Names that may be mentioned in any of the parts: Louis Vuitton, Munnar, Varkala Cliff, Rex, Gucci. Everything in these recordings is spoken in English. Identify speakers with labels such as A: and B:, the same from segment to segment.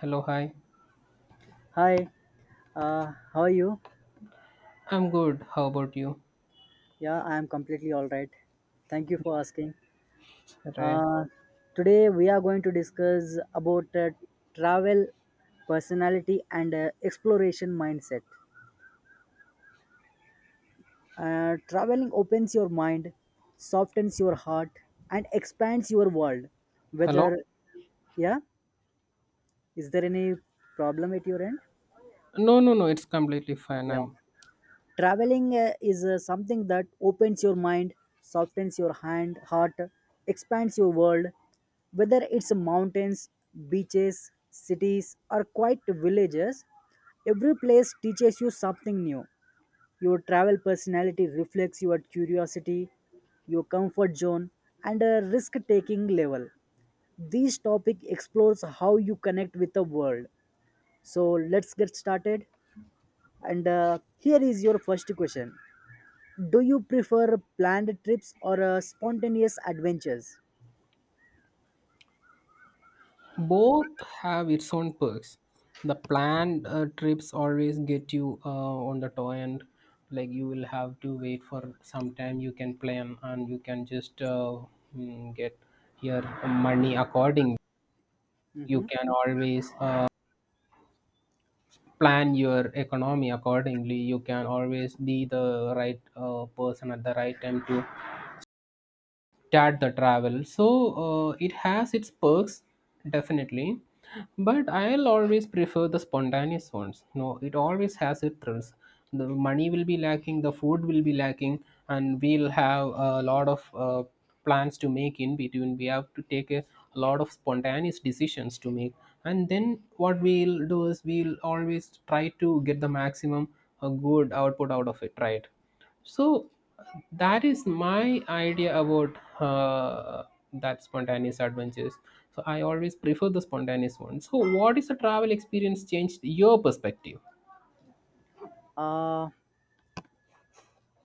A: Hello, hi.
B: Hi, how are you?
A: I'm good. How about you?
B: Yeah, I am completely all right. Thank you for asking.
A: Right.
B: Uh, Today we are going to discuss about travel personality and exploration mindset. Traveling opens your mind, softens your heart, and expands your world.
A: Hello?
B: Whether yeah, is there any problem at your end?
A: No, no, no. It's completely fine.
B: Yeah.
A: I'm.
B: Traveling is something that opens your mind, softens your heart, expands your world. Whether it's mountains, beaches, cities, or quiet villages, every place teaches you something new. Your travel personality reflects your curiosity, your comfort zone, and a risk taking level. This topic explores how you connect with the world. So let's get started. And here is your first question: do you prefer planned trips or spontaneous adventures?
A: Both have its own perks. The planned trips always get you on the toy end. Like you will have to wait for some time. You can plan and you can just get your money according. You can always plan your economy accordingly. You can always be the right person at the right time to Tat the travel. So it has its perks, definitely. But I'll always prefer the spontaneous ones. No, it always has its thrills. The money will be lacking, the food will be lacking, and we'll have a lot of plans to make in between. We have to take a lot of spontaneous decisions to make. And then what we'll do is we'll always try to get the maximum good output out of it, right? So that is my idea about that spontaneous adventures. So I always prefer the spontaneous one. So what is the travel experience changed your perspective?
B: Uh,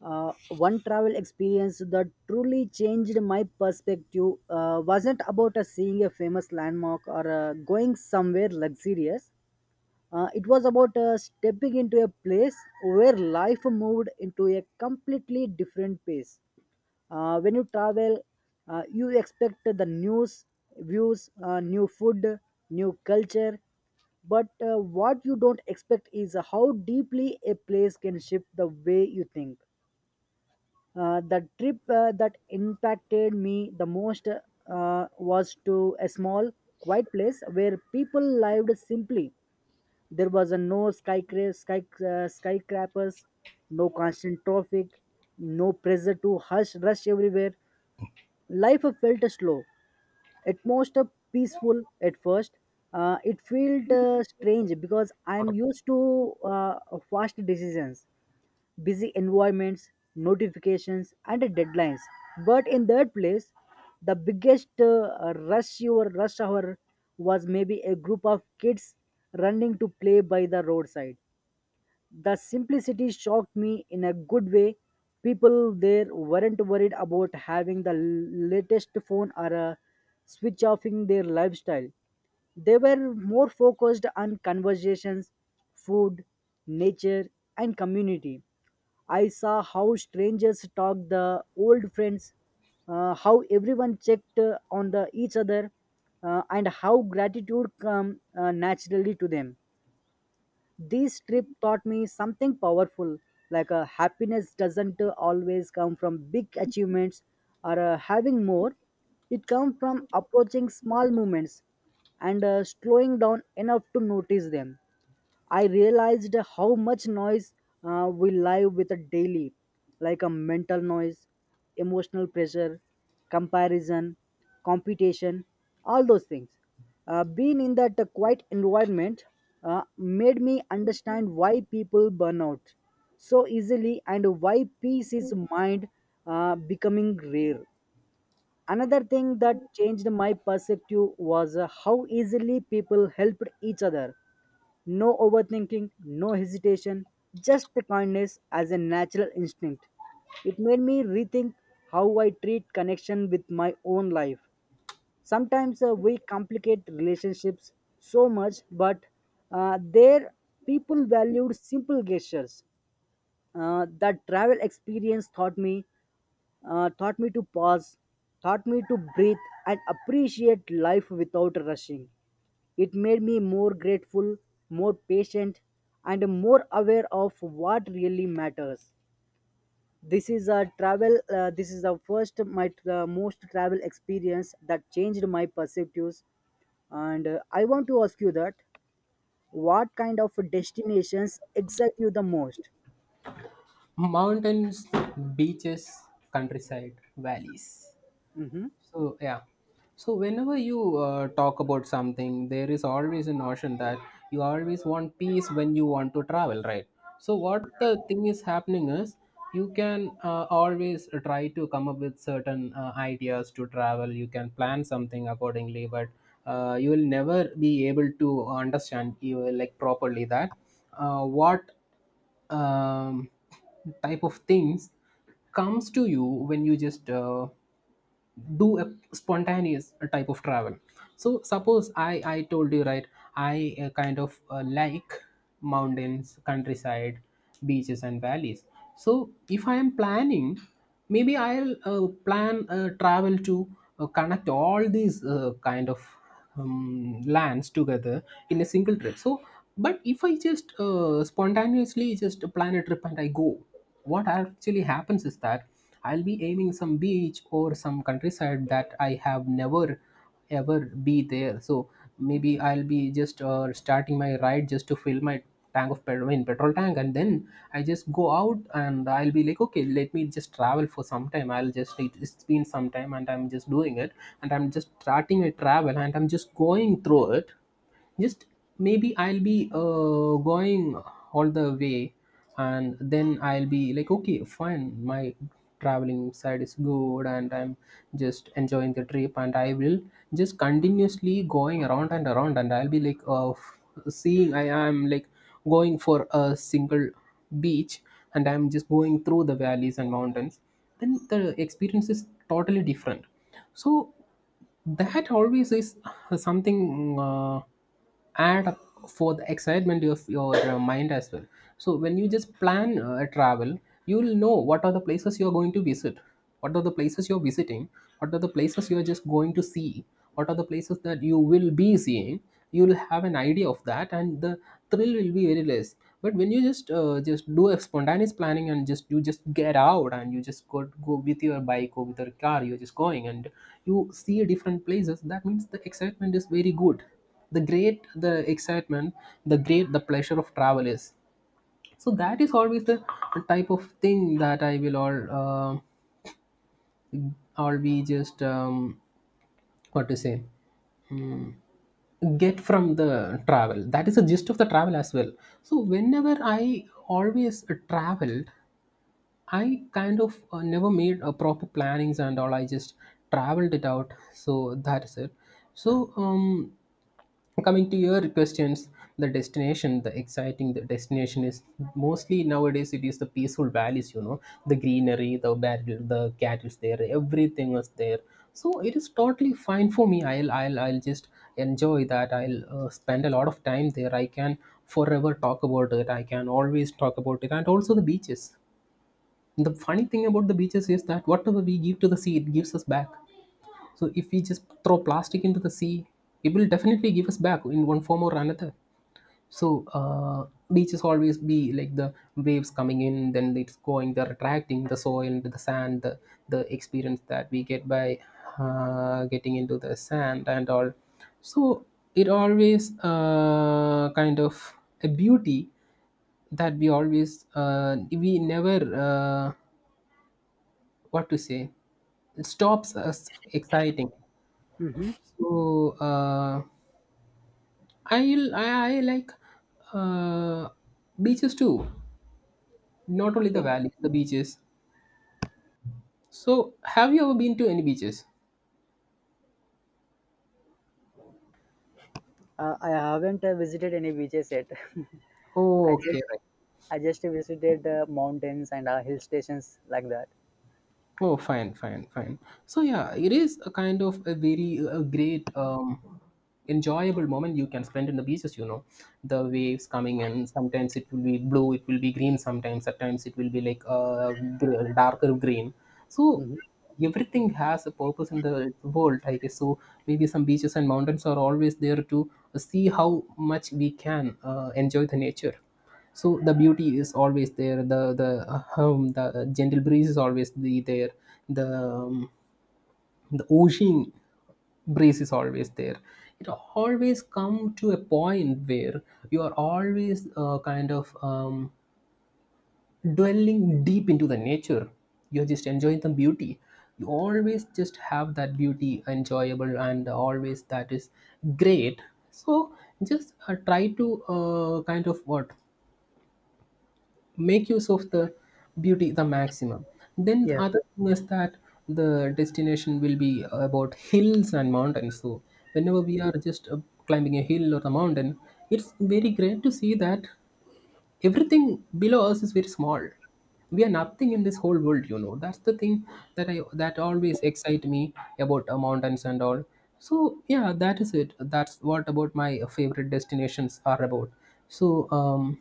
B: One travel experience that truly changed my perspective wasn't about seeing a famous landmark or going somewhere luxurious. It was about stepping into a place where life moved into a completely different pace. When you travel, you expect the news, views, new food, new culture. But what you don't expect is how deeply a place can shift the way you think. The trip that impacted me the most was to a small, quiet place where people lived simply. There was a no skyscrapers, no constant traffic, no pressure to hush rush everywhere. Life felt slow at most peaceful at first. It felt strange because I'm used to fast decisions, busy environments, notifications and deadlines. But in that place, the biggest rush hour was maybe a group of kids running to play by the roadside. The simplicity shocked me in a good way. People there weren't worried about having the latest phone or switch offing their lifestyle. They were more focused on conversations, food, nature, and community. I saw how strangers talked the old friends, how everyone checked on the each other, and how gratitude come naturally to them. This trip taught me something powerful, like happiness doesn't always come from big achievements or having more. It comes from approaching small moments and slowing down enough to notice them. I realized how much noise we live with a daily, like a mental noise, emotional pressure, comparison, competition, all those things. Being in that quiet environment made me understand why people burn out so easily and why peace is mind becoming rare. Another thing that changed my perspective was how easily people helped each other. No overthinking, no hesitation, just the kindness as a natural instinct. It made me rethink how I treat connection with my own life. Sometimes we complicate relationships so much, but there people valued simple gestures. That travel experience taught me Taught me to pause, taught me to breathe and appreciate life without rushing. It made me more grateful, more patient, and more aware of what really matters. This is a travel. This is the first my most travel experience that changed my perspectives. And I want to ask you that: what kind of destinations excite you the most?
A: Mountains, beaches, countryside, valleys.
B: Mm-hmm.
A: So yeah, so whenever you talk about something, there is always a notion that you always want peace when you want to travel, right? So what the thing is happening is you can always try to come up with certain ideas to travel. You can plan something accordingly, but you will never be able to understand you will, like properly that what um, type of things comes to you when you just do a spontaneous type of travel. So suppose I told you, right, I kind of like mountains, countryside, beaches and valleys. So if I am planning, maybe I'll plan a travel to connect all these kind of lands together in a single trip. So but if I just spontaneously just plan a trip and I go, what actually happens is that I'll be aiming some beach or some countryside that I have never ever be there. So maybe I'll be just starting my ride just to fill my tank of petrol in petrol tank, and then I just go out and I'll be like, okay, let me just travel for some time. I'll just it's been some time and I'm just doing it, and I'm just starting a travel and I'm just going through it. Just maybe I'll be going all the way, and then I'll be like, okay, fine, my traveling side is good, and I'm just enjoying the trip, and I will just continuously going around and around, and I'll be like seeing I am like going for a single beach and I'm just going through the valleys and mountains, then the experience is totally different. So that always is something add up for the excitement of your mind as well. So when you just plan a travel, you will know what are the places you are going to visit, what are the places you're visiting, what are the places you are just going to see, what are the places that you will be seeing. You will have an idea of that, and the thrill will be very less. But when you just just do a spontaneous planning, and just you just get out and you just go with your bike or with your car, you're just going and you see different places. That means the excitement is very good. The great the excitement, the great the pleasure of travel is. So that is always the type of thing that I will all be just what to say? Mm. Get from the travel, that is the gist of the travel as well. So whenever I always traveled, I kind of never made a proper plannings and all, I just traveled it out. So that is it. So coming to your questions, the destination the exciting the destination is mostly, nowadays it is the peaceful valleys, you know, the greenery, the battle, the cattle's there, everything was there. So it is totally fine for me. I'll just enjoy that. I'll spend a lot of time there. I can forever talk about it, I can always talk about it. And also the beaches, the funny thing about the beaches is that whatever we give to the sea, it gives us back. So if we just throw plastic into the sea, it will definitely give us back in one form or another. So beaches always be like the waves coming in, then it's going, they're attracting the soil, the sand, the experience that we get by getting into the sand and all. So it always kind of a beauty that we always we never what to say, it stops us exciting.
B: Mm-hmm.
A: So I I I like uh, beaches too. Not only
B: Yeah.
A: the valleys, the beaches. So have you ever been to any beaches?
B: I haven't visited any beaches yet.
A: Oh,
B: I
A: okay,
B: just
A: right.
B: I just visited mountains and hill stations like that.
A: Oh, fine, fine, fine. So yeah, it is a kind of a very a great, enjoyable moment you can spend in the beaches. You know, the waves coming in. Sometimes it will be blue, it will be green. Sometimes, at times, it will be like a darker green. So
B: Hmm.
A: everything has a purpose in the world, I guess. So maybe some beaches and mountains are always there to see how much we can enjoy the nature. So the beauty is always there, the gentle breeze is always be there, the ocean breeze is always there. It always come to a point where you are always kind of dwelling deep into the nature, you're just enjoying the beauty. You always just have that beauty enjoyable, and always that is great. So just try to kind of what make use of the beauty the maximum. Then the
B: Yeah.
A: other thing is that the destination will be about hills and mountains. So whenever we are just climbing a hill or a mountain, it's very great to see that everything below us is very small. We are nothing in this whole world, you know, that's the thing that always excite me about mountains and all. So yeah, that is it, that's what about my favorite destinations are about. So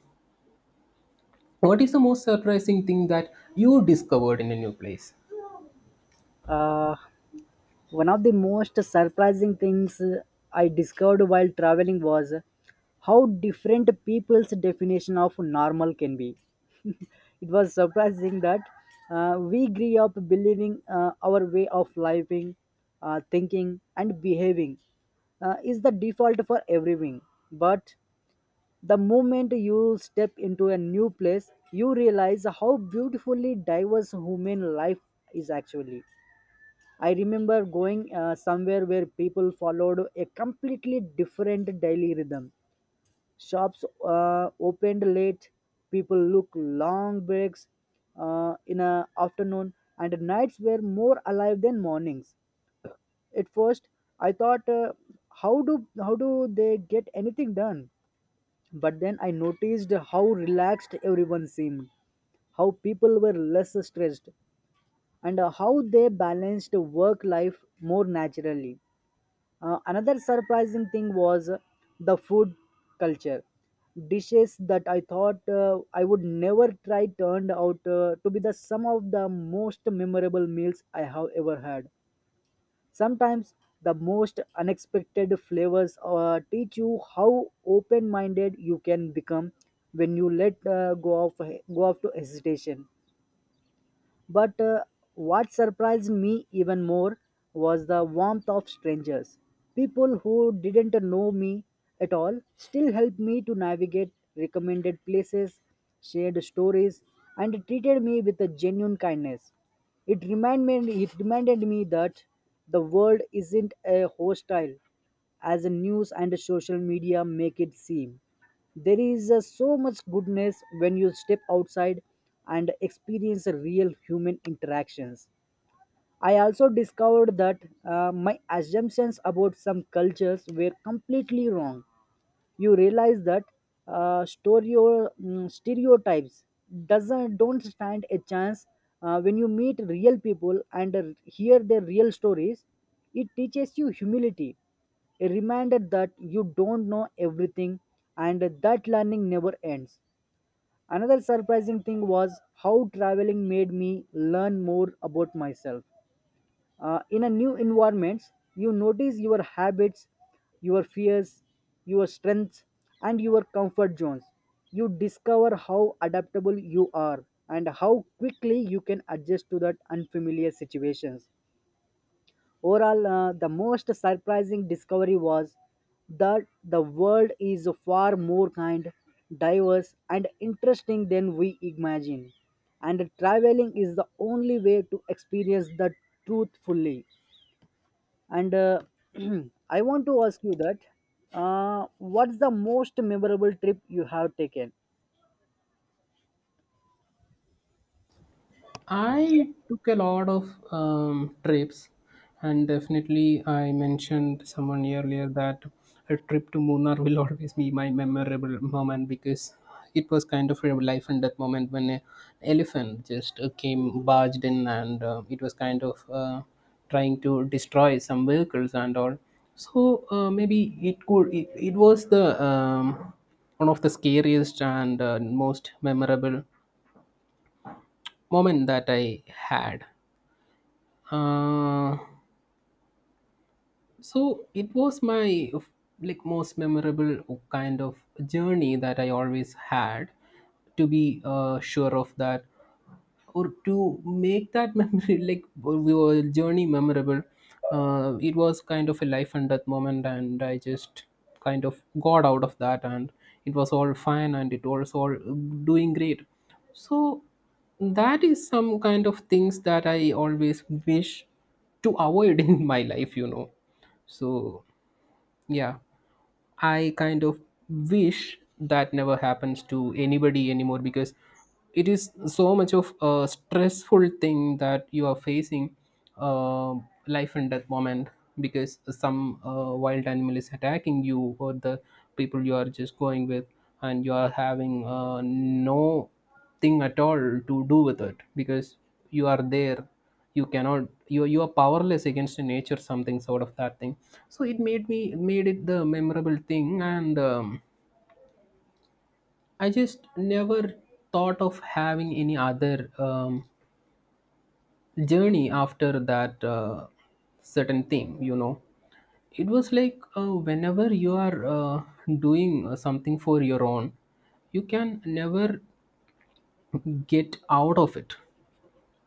A: what is the most surprising thing that you discovered in a new place?
B: Uh, One of the most surprising things I discovered while traveling was how different people's definition of normal can be. It was surprising that we grew up believing our way of living, thinking, and behaving is the default for everything. But the moment you step into a new place, you realize how beautifully diverse human life is actually. I remember going somewhere where people followed a completely different daily rhythm. Shops opened late, people look long breaks in a afternoon, and nights were more alive than mornings. At first, I thought, how do they get anything done? But then I noticed how relaxed everyone seemed, how people were less stressed, and how they balanced work life more naturally. Another surprising thing was the food culture. Dishes that I thought I would never try turned out to be the some of the most memorable meals I have ever had. Sometimes the most unexpected flavors teach you how open minded you can become when you let go off to hesitation. But what surprised me even more was the warmth of strangers. People who didn't know me at all still helped me to navigate recommended places, shared stories, and treated me with a genuine kindness. It reminded me that the world isn't a hostile as news and social media make it seem. There is so much goodness when you step outside and experience real human interactions. I also discovered that my assumptions about some cultures were completely wrong. You realize that stereotypes doesn't don't stand a chance when you meet real people and hear their real stories. It teaches you humility, a reminder that you don't know everything and that learning never ends. Another surprising thing was how traveling made me learn more about myself. In a new environments, you notice your habits, your fears, your strengths, and your comfort zones. You discover how adaptable you are and how quickly you can adjust to that unfamiliar situations. Overall, the most surprising discovery was that the world is far more kind, diverse, and interesting than we imagine. And traveling is the only way to experience the truth fully. And I want to ask you that what's the most memorable trip you have taken?
A: I took a lot of trips, and definitely I mentioned someone earlier that a trip to Munnar will always be my memorable moment, because it was kind of a life and death moment when an elephant just came barged in, and it was kind of trying to destroy some vehicles and all. So maybe it could it was the one of the scariest and most memorable moment that I had. Uh, so it was my like most memorable kind of journey that I always had to be sure of that, or to make that memory like your journey memorable. It was kind of a life and death moment, and I just kind of got out of that, and it was all fine and it was all doing great. So that is some kind of things that I always wish to avoid in my life, you know. So yeah, I kind of wish that never happens to anybody anymore, because it is so much of a stressful thing that you are facing, uh, life and death moment, because some wild animal is attacking you or the people you are just going with, and you are having no thing at all to do with it, because you are there, you cannot, you are powerless against nature, something sort of that thing. So it made me, made it the memorable thing, and I just never thought of having any other journey after that certain thing, you know. It was like whenever you are doing something for your own, you can never get out of it.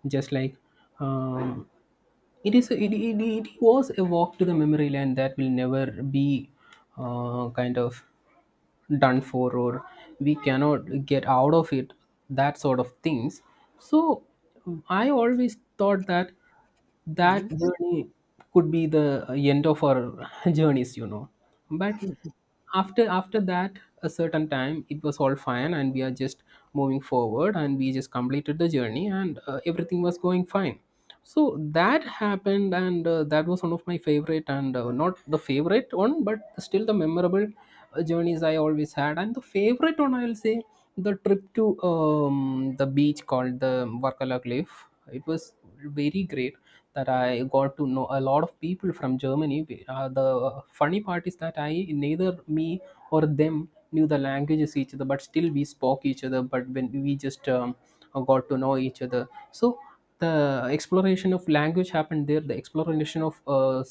A: Just like um, it is it was a walk to the memory lane that will never be kind of done for, or we cannot get out of it, that sort of things. So I always thought that
B: Hmm.
A: that journey could be the end of our journeys, you know. But after that a certain time, it was all fine, and we are just moving forward, and we just completed the journey, and everything was going fine. So that happened, and that was one of my favorite, and not the favorite one but still the memorable journeys I always had. And the favorite one, I'll say, the trip to the beach called the Varkala Cliff. It was very great that I got to know a lot of people from Germany. The funny part is that I, neither me or them knew the languages each other, but still we spoke each other. But when we just got to know each other, so the exploration of language happened there, the exploration of uh,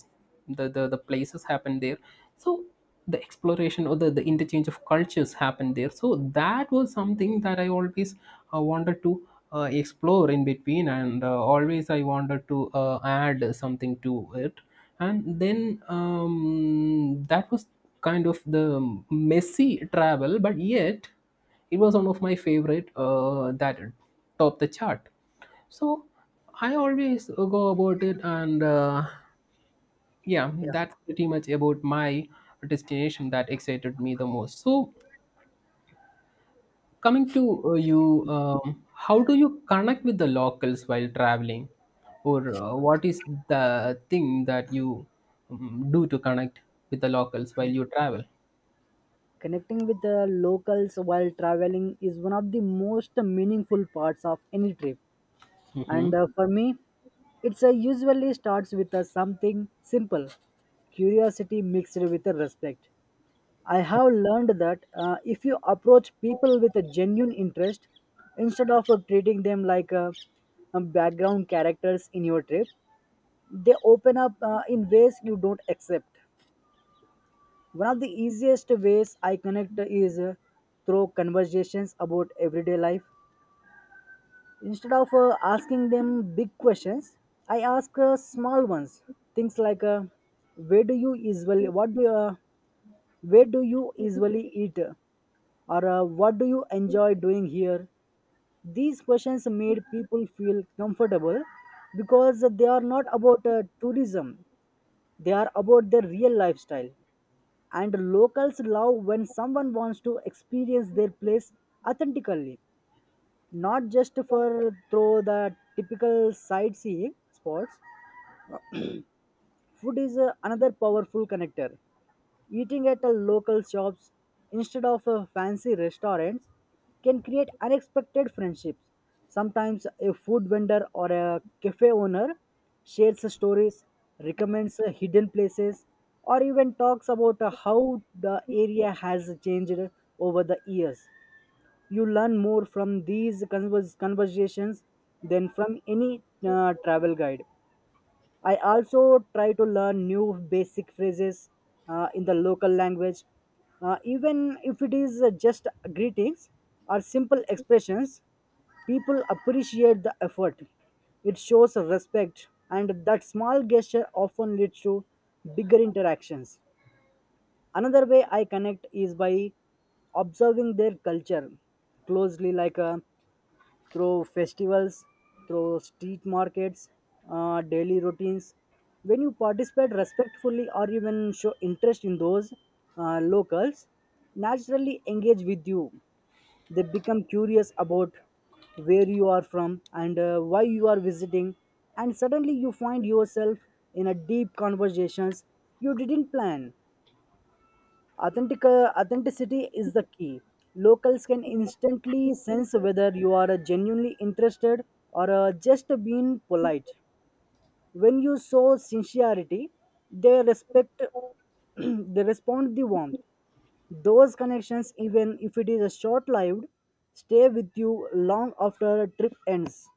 A: the, the the places happened there. So the exploration or the interchange of cultures happened there. So that was something that I always wanted to explore in between, and always I wanted to add something to it. And then that was kind of the messy travel, but yet it was one of my favorite that topped the chart. So I always go about it, and yeah,
B: Yeah.
A: that's pretty much about my destination that excited me the most. So coming to you, how do you connect with the locals while traveling, or what is the thing that you do to connect with the locals while you travel?
B: Connecting with the locals while traveling is one of the most meaningful parts of any trip.
A: Mm-hmm.
B: And for me, it's usually starts with something simple, curiosity mixed with respect. I have learned that if you approach people with a genuine interest, instead of treating them like background characters in your trip, they open up in ways you don't accept. One of the easiest ways I connect is through conversations about everyday life. Instead of asking them big questions, I ask small ones. Things like, where do you usually what do you, where do you usually eat? Or what do you enjoy doing here? These questions made people feel comfortable because they are not about tourism, they are about their real lifestyle. And locals love when someone wants to experience their place authentically, not just for through the typical sightseeing spots. Food is another powerful connector. Eating at a local shops instead of a fancy restaurants can create unexpected friendships. Sometimes a food vendor or a cafe owner shares stories, recommends hidden places, or even talks about how the area has changed over the years. You learn more from these conversations than from any travel guide. I also try to learn new basic phrases in the local language, even if it is just greetings or simple expressions. People appreciate the effort. It shows respect, and that small gesture often leads to bigger interactions. Another way I connect is by observing their culture closely, like through festivals, through street markets, daily routines. When you participate respectfully or even show interest in those locals, naturally engage with you. They become curious about where you are from and why you are visiting, and suddenly you find yourself in a deep conversations you didn't plan. Authenticity is the key. Locals can instantly sense whether you are genuinely interested or just being polite. When you show sincerity, they respect, they respond the warmth. Those connections, even if it is a short-lived, stay with you long after a trip ends.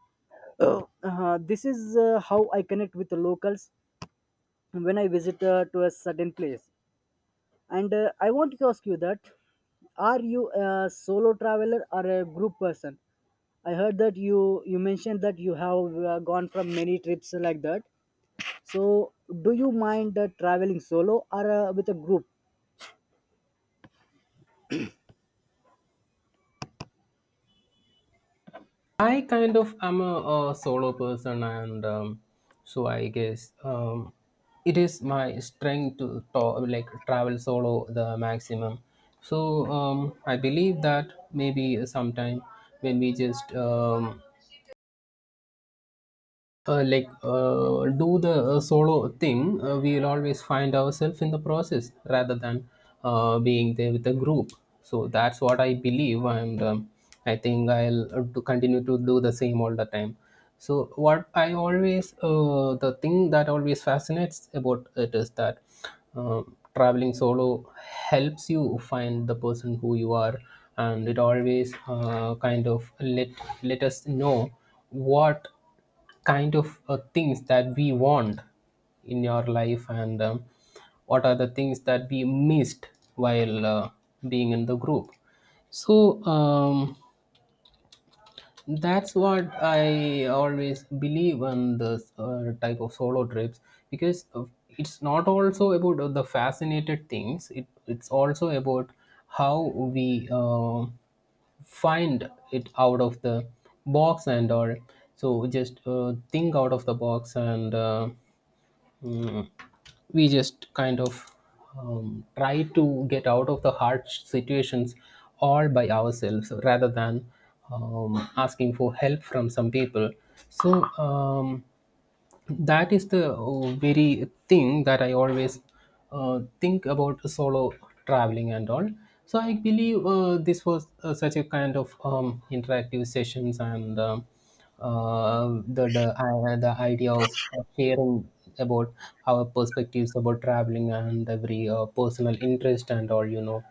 B: Oh. This is how I connect with the locals when I visit to a certain place. And I want to ask you that are you a solo traveler or a group person? I heard that you mentioned that you have gone from many trips like that. So do you mind traveling solo or with a group?
A: I kind of am a, solo person, and so I guess it is my strength to talk, like travel solo the maximum. So I believe that maybe sometime when we just like do the solo thing, we will always find ourselves in the process rather than being there with a group. So that's what I believe, and I think I'll to continue to do the same all the time. So what I always the thing that always fascinates about it is that uh, traveling solo helps you find the person who you are, and it always kind of let us know what kind of things that we want in your life, and what are the things that we missed while being in the group. So that's what I always believe on this type of solo trips, because it's not also about the fascinated things. It's also about how we find it out of the box and all. So just think out of the box, and Mm. we just kind of try to get out of the hard situations all by ourselves, rather than asking for help from some people. So um, that is the very thing that I always think about solo traveling and all. So I believe this was such a kind of interactive sessions, and the idea of sharing about our perspectives about traveling and every personal interest and all, you know,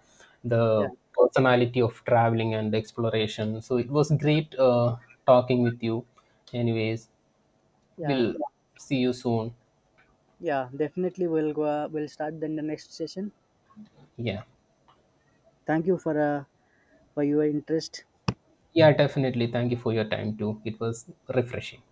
B: Yeah,
A: the personality of traveling and exploration. So it was great talking with you. Anyways,
B: yeah,
A: we'll see you soon.
B: yeah. Definitely, we'll go. We'll start then the next session.
A: Yeah,
B: Thank you for your interest.
A: yeah, definitely, thank you for your time too. It was refreshing.